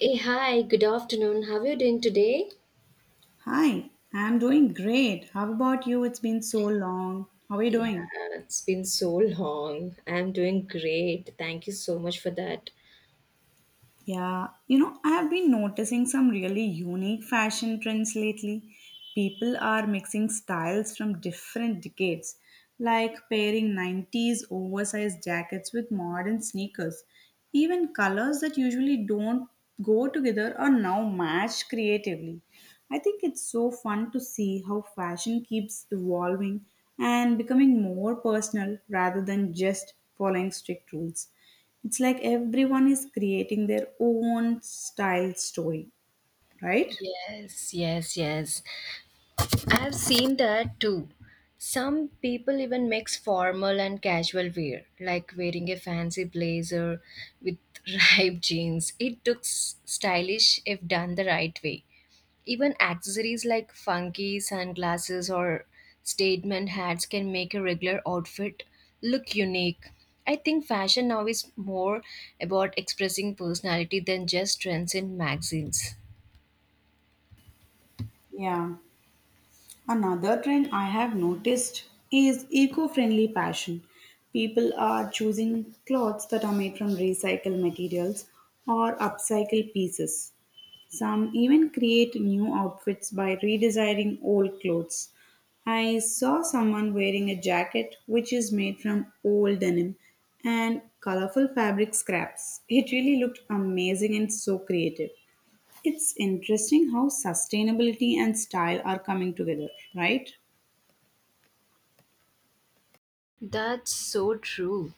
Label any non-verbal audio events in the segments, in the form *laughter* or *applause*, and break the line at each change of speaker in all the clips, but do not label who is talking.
Hey, hi, good afternoon. How are you doing today?
Hi, I'm doing great. How about you? It's been so long. How are you
Yeah,
doing?
it's been so long. I'm doing great. Thank you so much for that.
I have been noticing some really unique fashion trends lately. People are mixing styles from different decades, like pairing 90s oversized jackets with modern sneakers. Even colors that usually don't go together are now matched creatively. I think it's so fun to see how fashion keeps evolving and becoming more personal rather than just following strict rules. It's like everyone is creating their own style story, right?
Yes, yes, yes. I've seen that too. Some people even mix formal and casual wear, like wearing a fancy blazer with *laughs* ripe jeans. It looks stylish if done the right way. Even accessories like funky sunglasses or statement hats can make a regular outfit look unique. I think fashion now is more about expressing personality than just trends in magazines.
Yeah. Another trend I have noticed is eco friendly fashion. People are choosing clothes that are made from recycled materials or upcycled pieces. Some even create new outfits by redesigning old clothes. I saw someone wearing a jacket which is made from old denim and colorful fabric scraps. It really looked amazing and so creative. It's interesting how sustainability and style are coming together, right?
That's so true.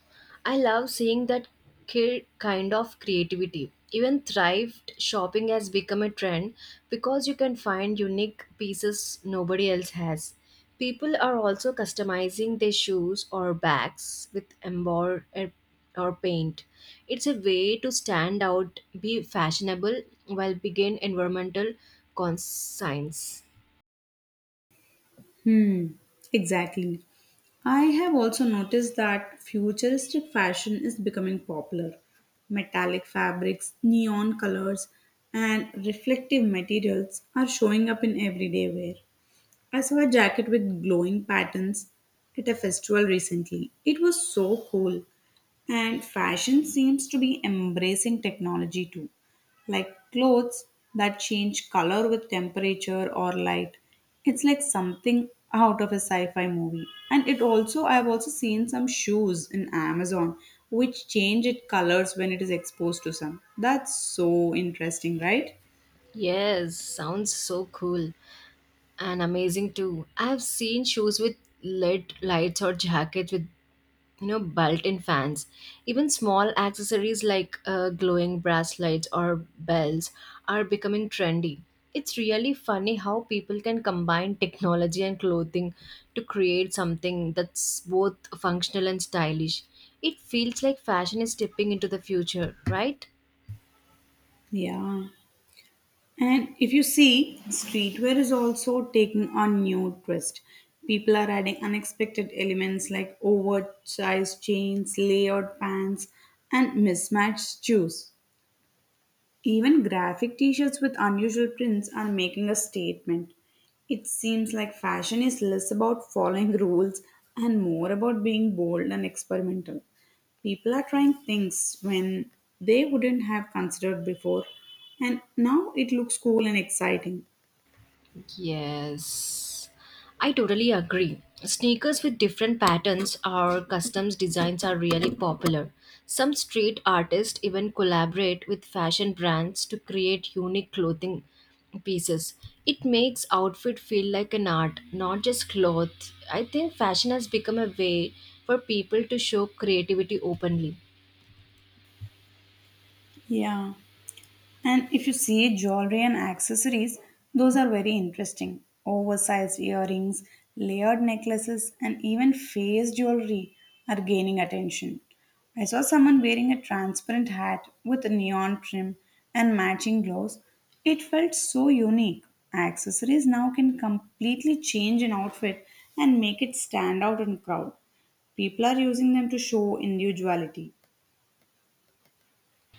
I love seeing that kind of creativity. Even thrift shopping has become a trend because you can find unique pieces nobody else has. People are also customizing their shoes or bags with embroidery or paint. It's a way to stand out, be fashionable, while begin environmental conscience.
Hmm, exactly. I have also noticed that futuristic fashion is becoming popular. Metallic fabrics, neon colors, and reflective materials are showing up in everyday wear. I saw a jacket with glowing patterns at a festival recently. It was so cool. And fashion seems to be embracing technology too, like clothes that change color with temperature or light. It's like something out of a sci-fi movie. And it also I've also seen some shoes in Amazon which change its colors when it is exposed to sun. That's so interesting, right?
Yes, sounds so cool and amazing too. I've seen shoes with LED lights or jackets with you know built-in fans. Even small accessories like glowing bracelets or bells are becoming trendy. It's really funny how people can combine technology and clothing to create something that's both functional and stylish. It feels like fashion is tipping into the future, right?
Yeah. And if you see, streetwear is also taking on new twist. People are adding unexpected elements like oversized jeans, layered pants, and mismatched shoes. Even graphic t shirts with unusual prints are making a statement. It seems like fashion is less about following *laughs* rules and more about being bold and experimental. People are trying things when they wouldn't have considered before, and now it looks cool and exciting.
Yes, I totally agree. Sneakers with different patterns or customs designs are really popular. Some street artists even collaborate with fashion brands to create unique clothing pieces. It makes outfit feel like an art, not just cloth. I think fashion has become a way for people to show creativity openly.
Yeah. And if you see jewelry and accessories, those are very interesting. Oversized earrings, layered necklaces, and even face jewelry are gaining attention. I saw someone wearing a transparent hat with a neon trim and matching gloves. It felt so unique. Accessories now can completely change an outfit and make it stand out in crowd. People are using them to show individuality.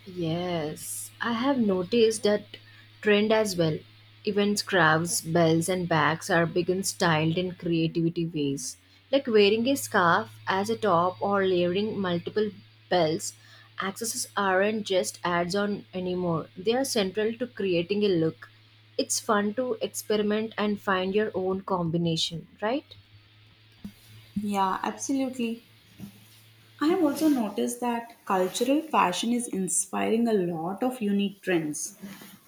Yes, I have noticed that trend as well. Even scarves, bells, and bags are being styled in creativity ways, like wearing a scarf as a top or layering multiple bells. Accessories aren't just ads on anymore; they are central to creating a look. It's fun to experiment and find your own combination, right?
Yeah, absolutely. I have also noticed that cultural fashion is inspiring a lot of unique trends.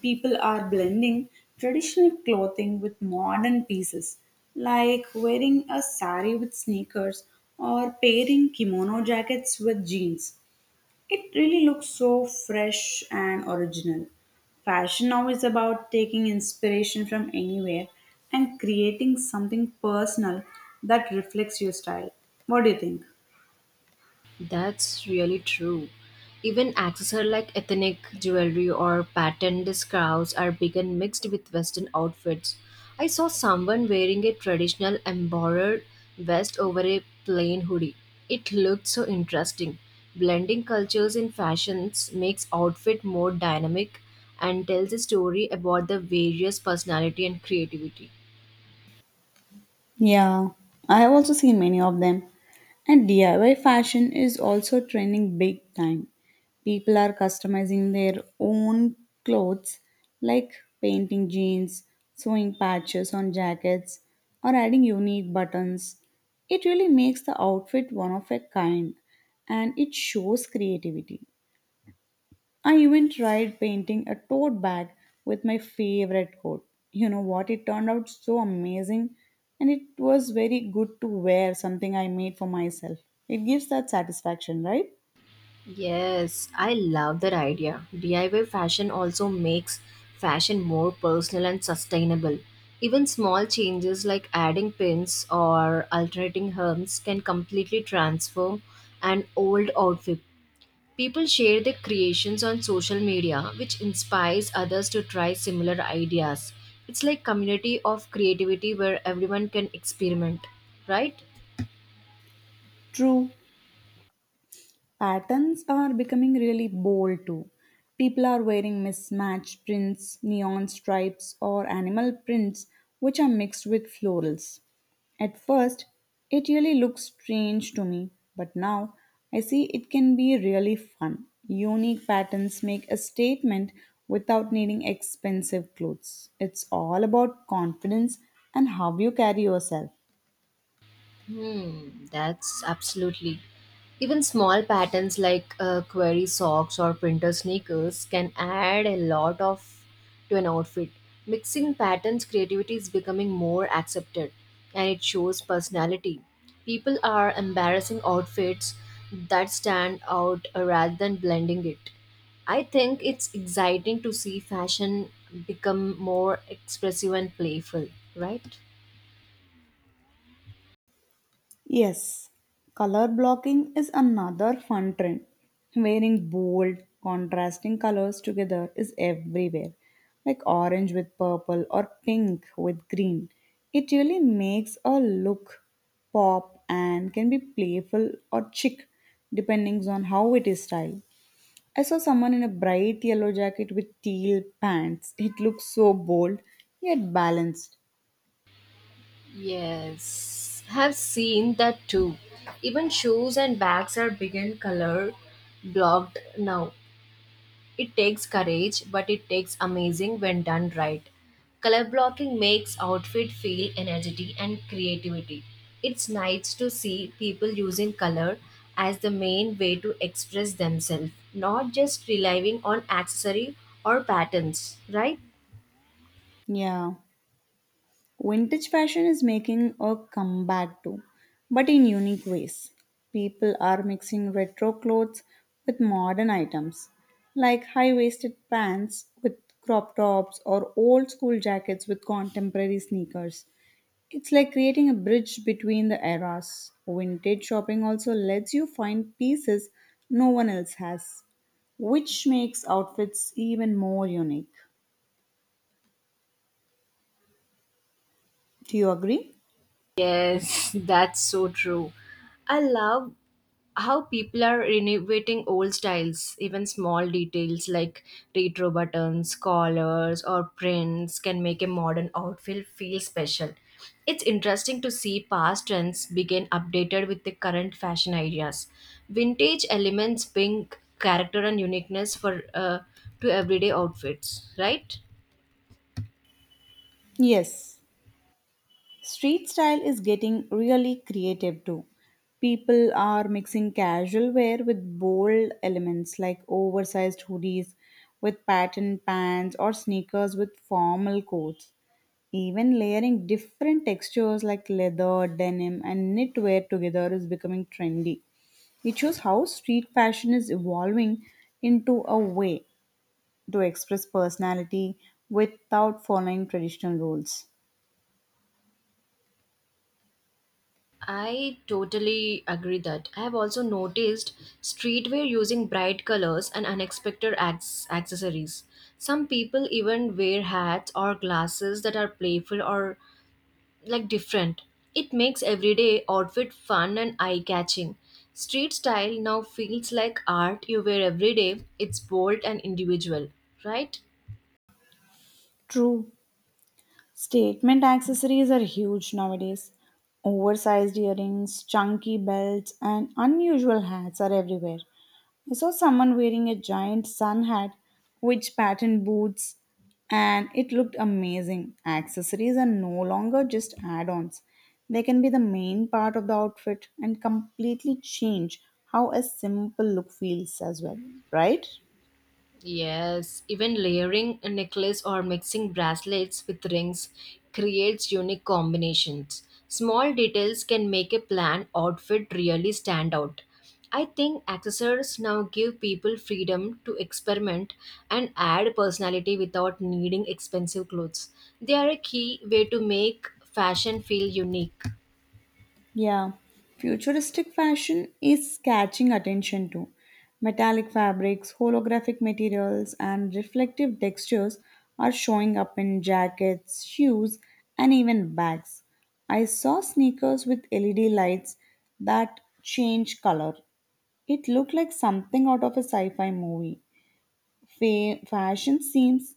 People are blending traditional clothing with modern pieces, like wearing a sari with sneakers or pairing kimono jackets with jeans. It really looks so fresh and original. Fashion now is about taking inspiration from anywhere and creating something personal that reflects your style. What do you think?
That's really true. Even accessories like ethnic jewelry or patterned scarves are being mixed with Western outfits. I saw someone wearing a traditional embroidered vest over a plain hoodie. It looked so interesting. Blending cultures in fashions makes outfit more dynamic and tells a story about the various personality and creativity.
Yeah, I have also seen many of them. And DIY fashion is also trending big time. People are customizing their own clothes like painting jeans, sewing patches on jackets, or adding unique buttons. It really makes the outfit one of a kind and it shows creativity. I even tried painting a tote bag with my favorite coat. You know what? It turned out so amazing and it was very good to wear something I made for myself. It gives that satisfaction, right?
Yes, I love that idea. DIY fashion also makes fashion more personal and sustainable. Even small changes like adding pins or alternating hems can completely transform an old outfit. People share their creations on social media, which inspires others to try similar ideas. It's like community of creativity where everyone can experiment, right?
True. Patterns are becoming really bold too. People are wearing mismatched prints, neon stripes, or animal prints, which are mixed with florals. At first, it really looks strange to me, but now I see it can be really fun. Unique patterns make a statement without needing expensive clothes. It's all about confidence and how you carry yourself.
Hmm, that's absolutely. Even small patterns like query socks or printer sneakers can add a lot of to an outfit. Mixing patterns creativity is becoming more accepted and it shows personality. People are embarrassing outfits that stand out, rather than blending it. I think it's exciting to see fashion become more expressive and playful, right?
Yes, color blocking is another fun trend. Wearing bold, contrasting colors together is everywhere, like orange with purple or pink with green. It really makes a look pop and can be playful or chic depending on how it is styled. I saw someone in a bright yellow jacket with teal pants. It looked so bold yet balanced.
Yes, have seen that too. Even shoes and bags are begin color blocked now. It takes courage, but it takes amazing when done right. Color blocking makes outfit feel energy and creativity. It's nice to see people using color as the main way to express themselves, not just relying on accessory or patterns, right?
Yeah. Vintage fashion is making a comeback too, but in unique ways. People are mixing retro clothes with modern items, like high waisted pants with crop tops or old school jackets with contemporary sneakers. It's like creating a bridge between the eras. Vintage shopping also lets you find pieces no one else has, which makes outfits even more unique. Do you agree?
Yes, *laughs* that's so true. I love how people are renovating old styles. Even small details like retro buttons, collars, or prints can make a modern outfit feel special. It's interesting to see past trends begin updated with the current fashion ideas. Vintage elements bring character and uniqueness for, to everyday outfits, right?
Yes, Street style is getting really creative too. People are mixing casual wear with bold elements like oversized hoodies with patterned pants or sneakers with formal coats. Even layering different textures like leather, denim, and knitwear together is becoming trendy. It shows how street fashion is evolving into a way to express personality without following traditional rules.
I totally agree that I have also noticed streetwear using bright colors and unexpected accessories. Some people even wear hats or glasses that are playful or like different. It makes everyday outfit fun and eye-catching. Street style now feels like art you wear every day. It's bold and individual, right?
True. Statement accessories are huge nowadays. Oversized earrings, chunky belts, and unusual hats are everywhere. I saw someone wearing a giant sun hat, which patterned boots, and it looked amazing. Accessories are no longer just add ons, they can be the main part of the outfit and completely change how a simple look feels as well, right?
Yes, even layering a necklace or mixing bracelets with rings creates unique combinations. Small details can make a planned outfit really stand out. I think accessories now give people freedom to experiment and add personality without needing expensive clothes. They are a key way to make fashion feel unique.
Yeah, futuristic fashion is catching attention too. Metallic fabrics, holographic materials, and reflective textures are showing up in jackets, shoes, and even bags. I saw sneakers with LED lights that change color. It looked like something out of a sci fi movie. Fashion seems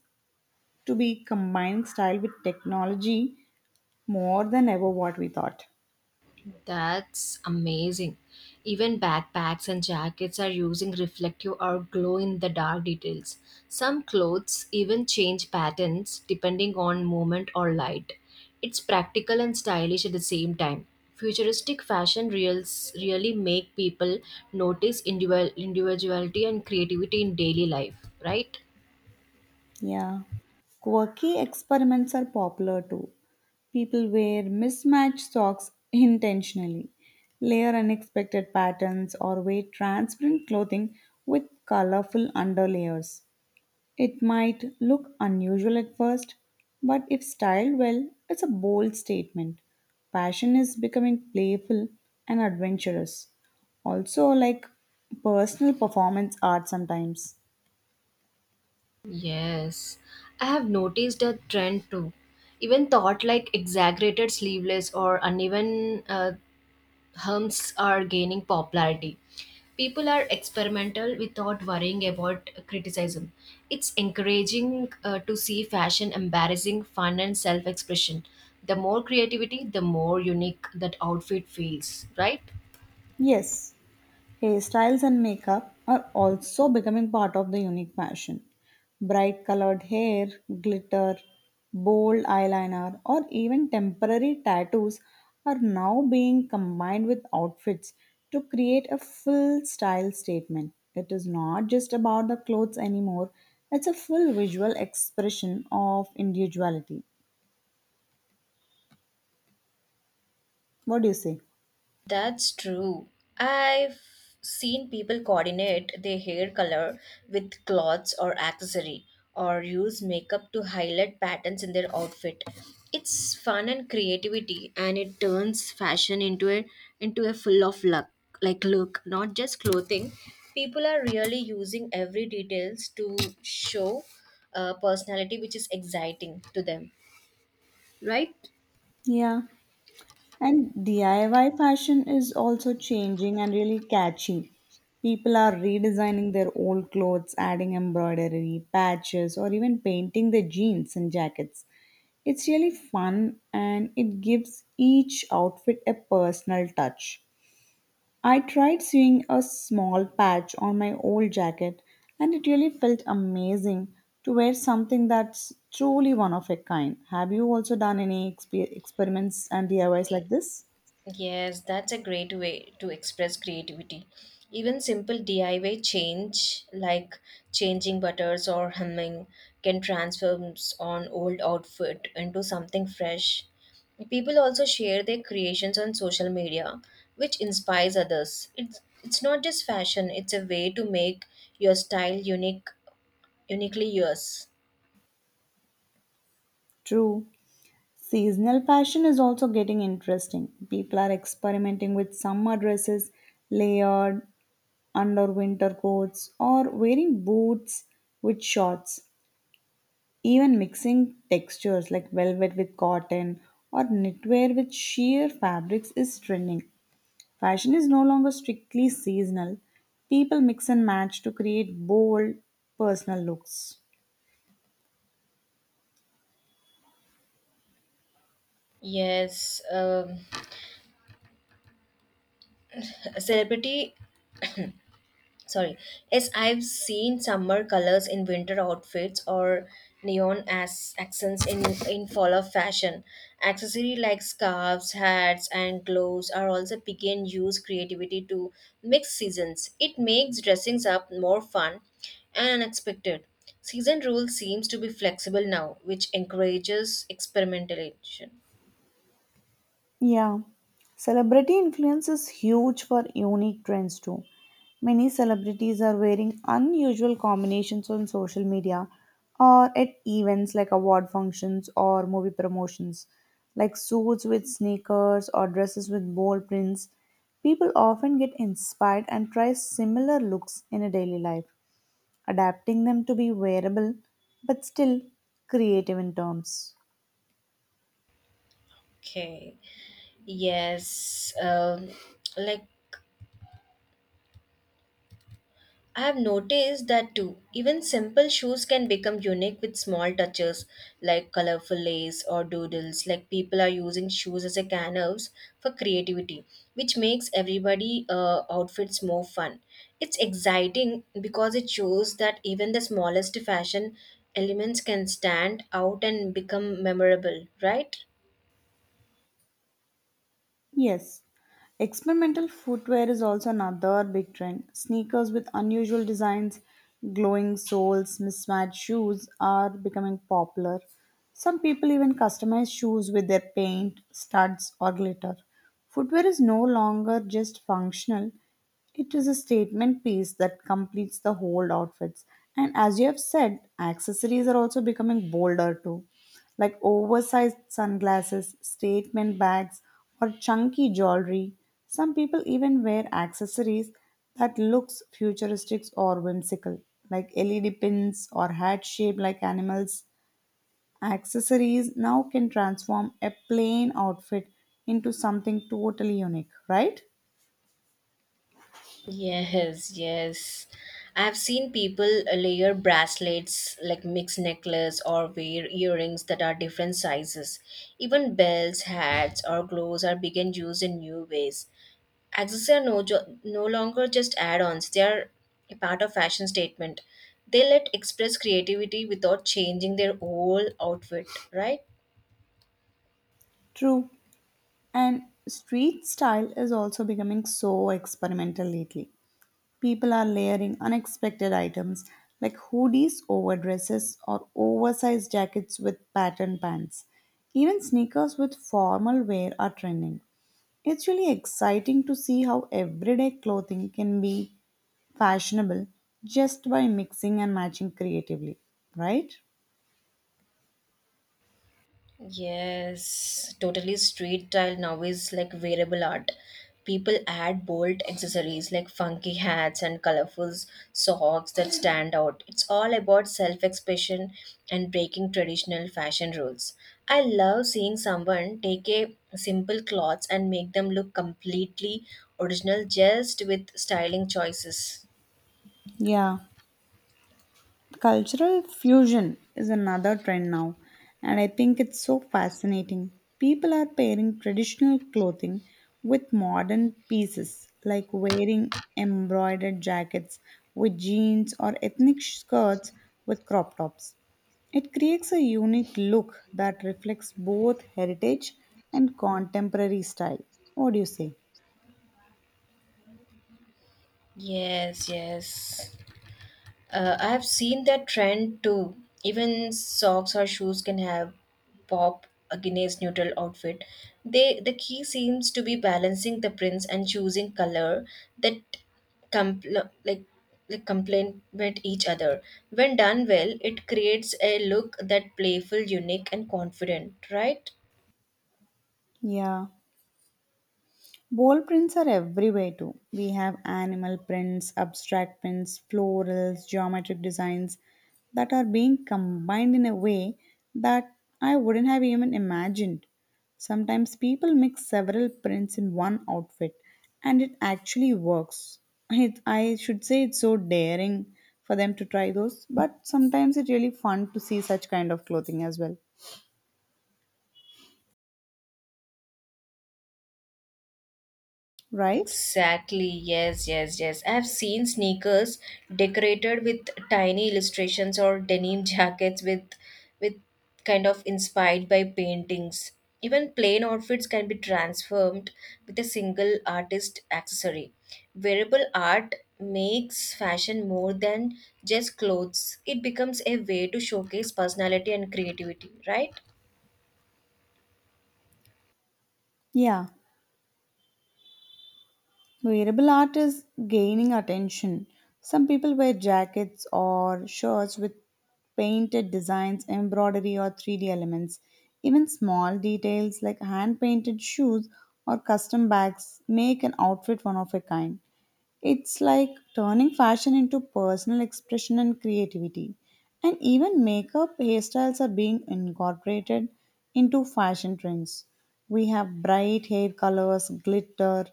to be combining style with technology more than ever what we thought.
That's amazing. Even backpacks and jackets are using reflective or glow in the dark details. Some clothes even change patterns depending on moment or light. It's practical and stylish at the same time. Futuristic fashion reels really make people notice individual individuality and creativity in daily life, right?
Yeah. Quirky experiments are popular too. People wear mismatched socks intentionally, layer unexpected patterns, or wear transparent clothing with colorful underlayers. It might look unusual at first, but if styled well, it's a bold statement. Passion is becoming playful and adventurous. Also, like personal performance art sometimes.
Yes, I have noticed a trend too. Even thought like exaggerated sleeveless or uneven, hums are gaining popularity. People are experimental without worrying about criticism. It's encouraging, to see fashion embarrassing fun and self expression. The more creativity, the more unique that outfit feels, right?
Yes, hairstyles and makeup are also becoming part of the unique fashion. Bright colored hair, glitter, bold eyeliner, or even temporary tattoos are now being combined with outfits to create a full style statement. It is not just about the clothes anymore, it's a full visual expression of individuality. What do you say?
That's true. I've seen people coordinate their hair color with clothes or accessory or use makeup to highlight patterns in their outfit. It's fun and creativity and it turns fashion into a full of luck like look, not just clothing. People are really using every details to show, personality which is exciting to them, right?
Yeah, And DIY fashion is also changing and really catchy. People are redesigning their old clothes, adding embroidery, patches, or even painting their jeans and jackets. It's really fun and it gives each outfit a personal touch. I tried sewing a small patch on my old jacket and it really felt amazing to wear something that's truly one of a kind. Have you also done any experiments and DIYs like this?
Yes, that's a great way to express creativity. Even simple DIY change, like changing butters or hemming, can transform an old outfit into something fresh. People also share their creations on social media, which inspires others. It's not just fashion; it's a way to make your style unique, uniquely yours.
True. Seasonal fashion is also getting interesting. People are experimenting with summer dresses, layered under winter coats, or wearing boots with shorts. Even mixing textures like velvet with cotton or knitwear with sheer fabrics is trending. Fashion is no longer strictly seasonal. People mix and match to create bold personal looks.
Yes, celebrity sorry yes I've seen summer colors in winter outfits or neon as accents in fall of fashion accessory like scarves hats and gloves are also begin use creativity to mix seasons. It makes dressings up more fun and unexpected. Season rule seems to be flexible now, which encourages experimentation.
Yeah, celebrity influence is huge for unique trends too. Many celebrities are wearing unusual combinations on social media or at events like award functions or movie promotions, like suits with sneakers or dresses with bold prints. People often get inspired and try similar looks in a daily life, adapting them to be wearable but still creative in terms.
Okay, yes, like I have noticed that too. Even simple shoes can become unique with small touches like colorful lace or doodles. Like people are using shoes as a canvas for creativity, which makes everybody, outfits more fun. It's exciting because it shows that even the smallest fashion elements can stand out and become memorable, right?
Yes, experimental footwear is also another big trend. Sneakers with unusual designs, glowing soles, mismatched shoes are becoming popular. Some people even customize shoes with their paint, studs, or glitter. Footwear is no longer just functional, it is a statement piece that completes the whole outfits. And as you have said, accessories are also becoming bolder too like oversized sunglasses, statement bags, or chunky jewelry. Some people even wear accessories that looks futuristic or whimsical, like LED pins or hats shaped like animals. Accessories now can transform a plain outfit into something totally unique, right?
Yes, yes. I've seen people, layer bracelets like mixed necklace or wear earrings that are different sizes. Even belts, hats, or gloves are being used in new ways. Accessories are no, no longer just add ons, they are a part of fashion statement. They let express creativity without changing their whole outfit, right?
True. And street style is also becoming so experimental lately. People are layering unexpected items like hoodies over dresses or oversized jackets with patterned pants. Even sneakers with formal wear are trending. It's really exciting to see how everyday clothing can be fashionable just by mixing and matching creatively, right?
Yes, totally. Street style now is like wearable art. People add bold accessories like funky hats and colorful socks that stand out. It's all about self expression and breaking traditional fashion rules. I love seeing someone take a simple clothes and make them look completely original just with styling choices.
Yeah. Cultural fusion is another trend now, and I think it's so fascinating. People are pairing traditional clothing with modern pieces, like wearing embroidered jackets with jeans or ethnic skirts with crop tops. It creates a unique look that reflects both heritage and contemporary style. What do you say?
Yes, yes. I have seen that trend too. Even socks or shoes can have pop against neutral outfit. They the key seems to be balancing the prints and choosing color that compl- like like complement each other. When done well, it creates a look that playful, unique, and confident. Right?
Yeah. Wall prints are everywhere too. We have animal prints, abstract prints, florals, geometric designs that are being combined in a way that I wouldn't have even imagined. Sometimes people mix several prints in one outfit and it actually works. It, I should say it's so daring for them to try those, but sometimes it's really fun to see such kind of clothing as well, right?
Exactly, yes, yes, yes. I've seen sneakers decorated with tiny illustrations or denim *laughs* jackets with kind of inspired by paintings. Even plain outfits can be transformed with a single artist accessory. Wearable art makes fashion more than just clothes. It becomes a way to showcase personality and creativity, right?
Yeah. Wearable art is gaining attention. Some people wear jackets or shirts with painted designs, embroidery, or 3D elements. Even small details like hand painted shoes or custom bags make an outfit one of a kind. It's like turning fashion into personal expression and creativity. And even makeup hairstyles are being incorporated into fashion trends. We have bright hair colors, glitter,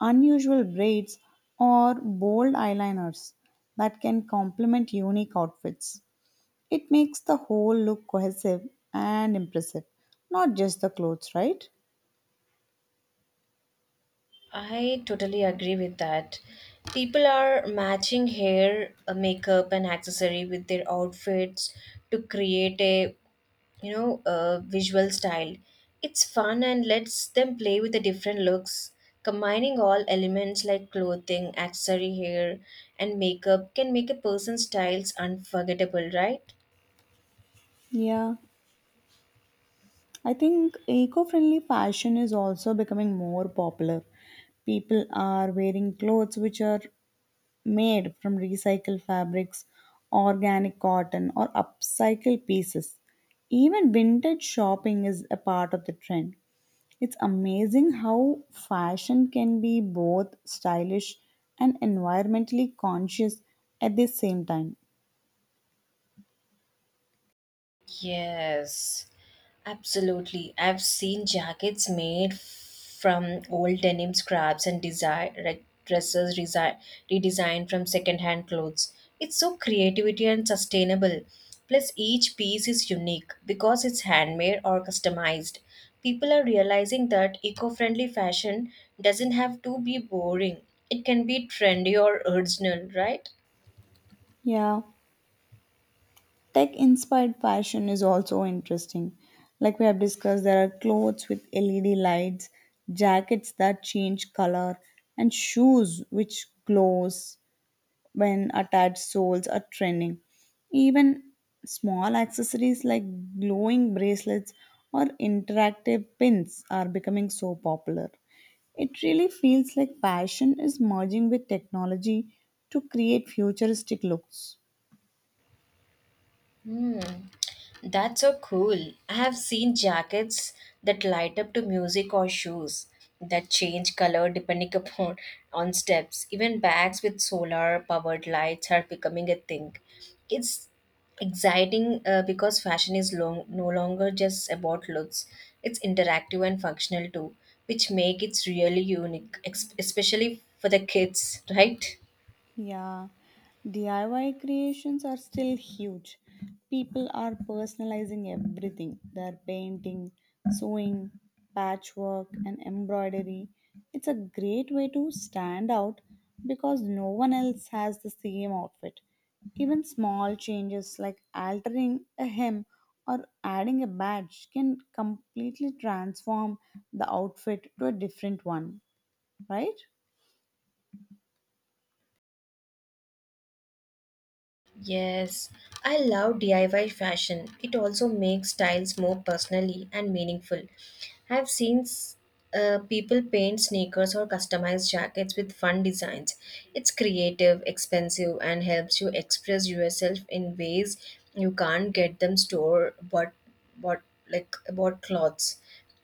unusual braids, or bold eyeliners that can complement unique outfits. It makes the whole look cohesive and impressive, not just the clothes, right?
I totally agree with that. People are matching hair, makeup, and accessory with their outfits to create a a visual style. It's fun and lets them play with the different looks. Combining all elements like clothing, accessory hair, and makeup can make a person's styles unforgettable, right?
Yeah. I think eco friendly fashion is also becoming more popular. People are wearing clothes which are made from recycled fabrics, organic cotton, or upcycled pieces. Even vintage shopping is a part of the trend. It's amazing how fashion can be both stylish and environmentally conscious at the same time.
Yes, absolutely. I've seen jackets made from old denim scraps and desire like dresses redesigned from secondhand clothes. It's so creativity and sustainable. Plus, each piece is unique because it's handmade or customized. People are realizing that eco-friendly fashion doesn't have to be boring. It can be trendy or original, right?
Yeah, Tech inspired fashion is also interesting. Like we have discussed, there are clothes with LED lights, jackets that change color, and shoes which glows when attached soles are trending. Even small accessories like glowing bracelets or interactive pins are becoming so popular. It really feels like fashion is merging with technology to create futuristic looks.
Hmm. That's so cool. I have seen jackets that light up to music or shoes that change color depending *laughs* upon on steps. Even bags with solar powered lights are becoming a thing. It's exciting, because fashion is long, no longer just about looks. It's interactive and functional too, which make it really unique, especially for the kids, *laughs* right?
Yeah, DIY creations are still huge. People are personalizing everything. They're painting, sewing, patchwork, and embroidery. It's a great way to stand out because no one else has the same outfit. Even small changes like altering a hem or adding a badge can completely transform the outfit to a different one, right?
Yes, I love DIY fashion. It also makes styles more personally and meaningful. I've seen people paint sneakers or customize jackets with fun designs. It's creative, expensive, and helps you express yourself in ways you can't get them store but what like bought clothes.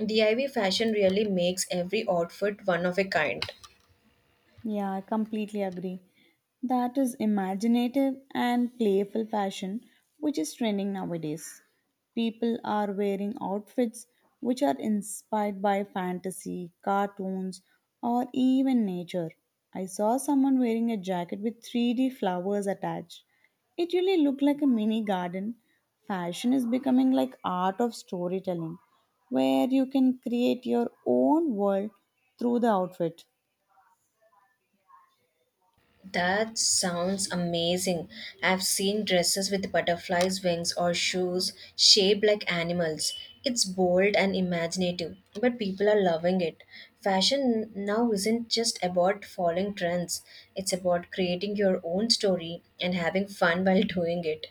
DIY fashion really makes every outfit one of a kind.
Yeah, I completely agree. That is imaginative and playful fashion, which is trending nowadays. People are wearing outfits which are inspired by fantasy, cartoons, or even nature. I saw someone wearing a jacket with 3D flowers attached. It really looked like a mini garden. Fashion is becoming like art of storytelling, where you can create your own world through the outfit.
That sounds amazing. I've seen dresses with butterflies' wings or shoes shaped like animals. It's bold and imaginative, but people are loving it. Fashion now isn't just about following trends, it's about creating your own story and having fun while *laughs* doing it.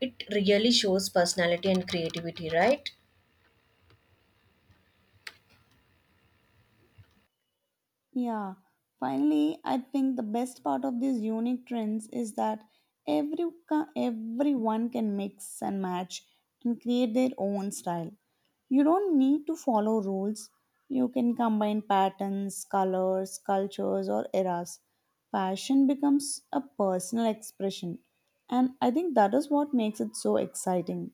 It really shows personality and creativity, right?
Yeah, finally, I think the best part of these unique trends is that everyone can mix and match and create their own style. You don't need to follow rules. You can combine patterns, colors, cultures, or eras. Fashion becomes a personal expression, and I think that is what makes it so exciting.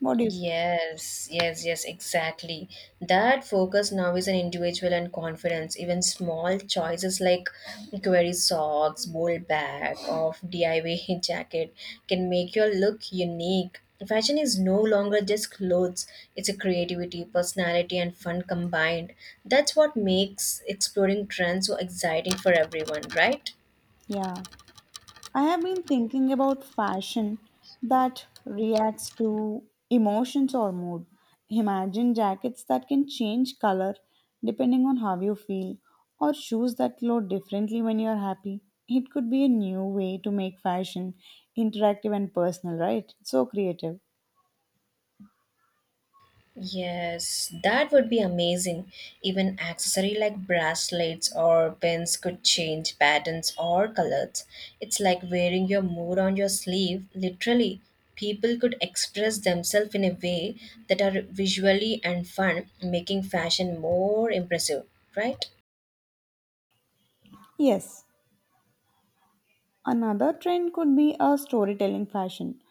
What do you think?
Yes, yes, yes, exactly. That focus now is an individual and confidence. Even small choices like query socks, bold bag, of DIY *laughs* jacket can make your look unique. Fashion is no longer just clothes, it's a creativity, personality, and fun combined. That's what makes exploring trends so exciting for everyone, right?
Yeah. I have been thinking about fashion that reacts to emotions or mood. Imagine jackets that can change color depending on how you feel, or shoes that glow differently when you're happy. It could be a new way to make fashion interactive and personal, right? So creative.
Yes, that would be amazing. Even accessory like bracelets or pins could change patterns or colors. It's like wearing your mood on your sleeve, literally. People could express themselves in a way that are visually and fun, making fashion more impressive, right?
Yes, Another trend could be a storytelling fashion.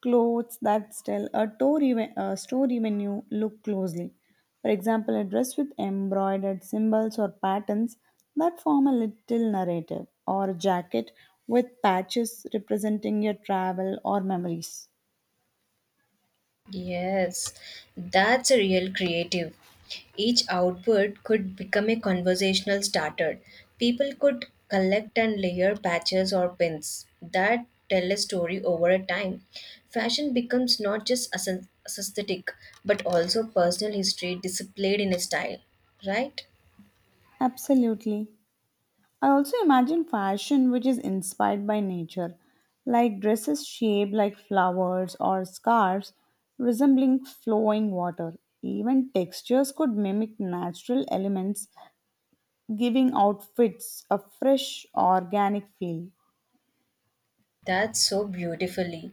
Clothes that tell a story, a story when you look closely. For example, a dress with embroidered symbols or patterns that form a little narrative, or a jacket with patches representing your travel or memories.
Yes, that's a real creative. Each output could become a conversational starter. People could collect and layer patches or pins that tell a story over a time. Fashion becomes not just aesthetic but also personal history displayed in a style, right?
Absolutely. I also imagine fashion which is inspired by nature, like dresses shaped like flowers or scarves resembling flowing water. Even textures could mimic natural elements, giving outfits a fresh, organic feel.
That's so beautifully.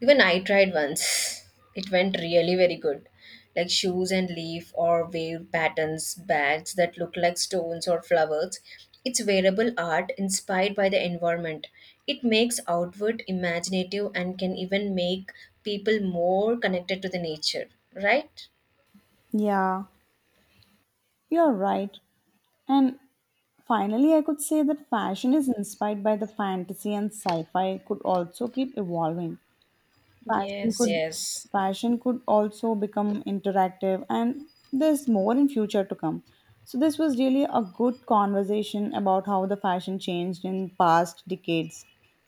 Even I tried once. *laughs* It went really very good. Like shoes and leaf or wave patterns, bags that look like stones or flowers. It's wearable art inspired by the environment. It makes outward imaginative and can even make people more connected to the nature, right?
Yeah, you're right. And finally, I could say that fashion is inspired by the fantasy and sci fi, could also keep evolving. Fashion
Yes,
could
yes.
fashion could also become interactive, and there's more in future to come. So this was really a good conversation about how the fashion changed in past decades.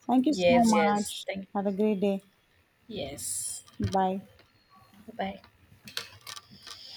Thank you so
Yes, yes.
much.
Thank
Have a great day.
Yes.
Bye.
Bye.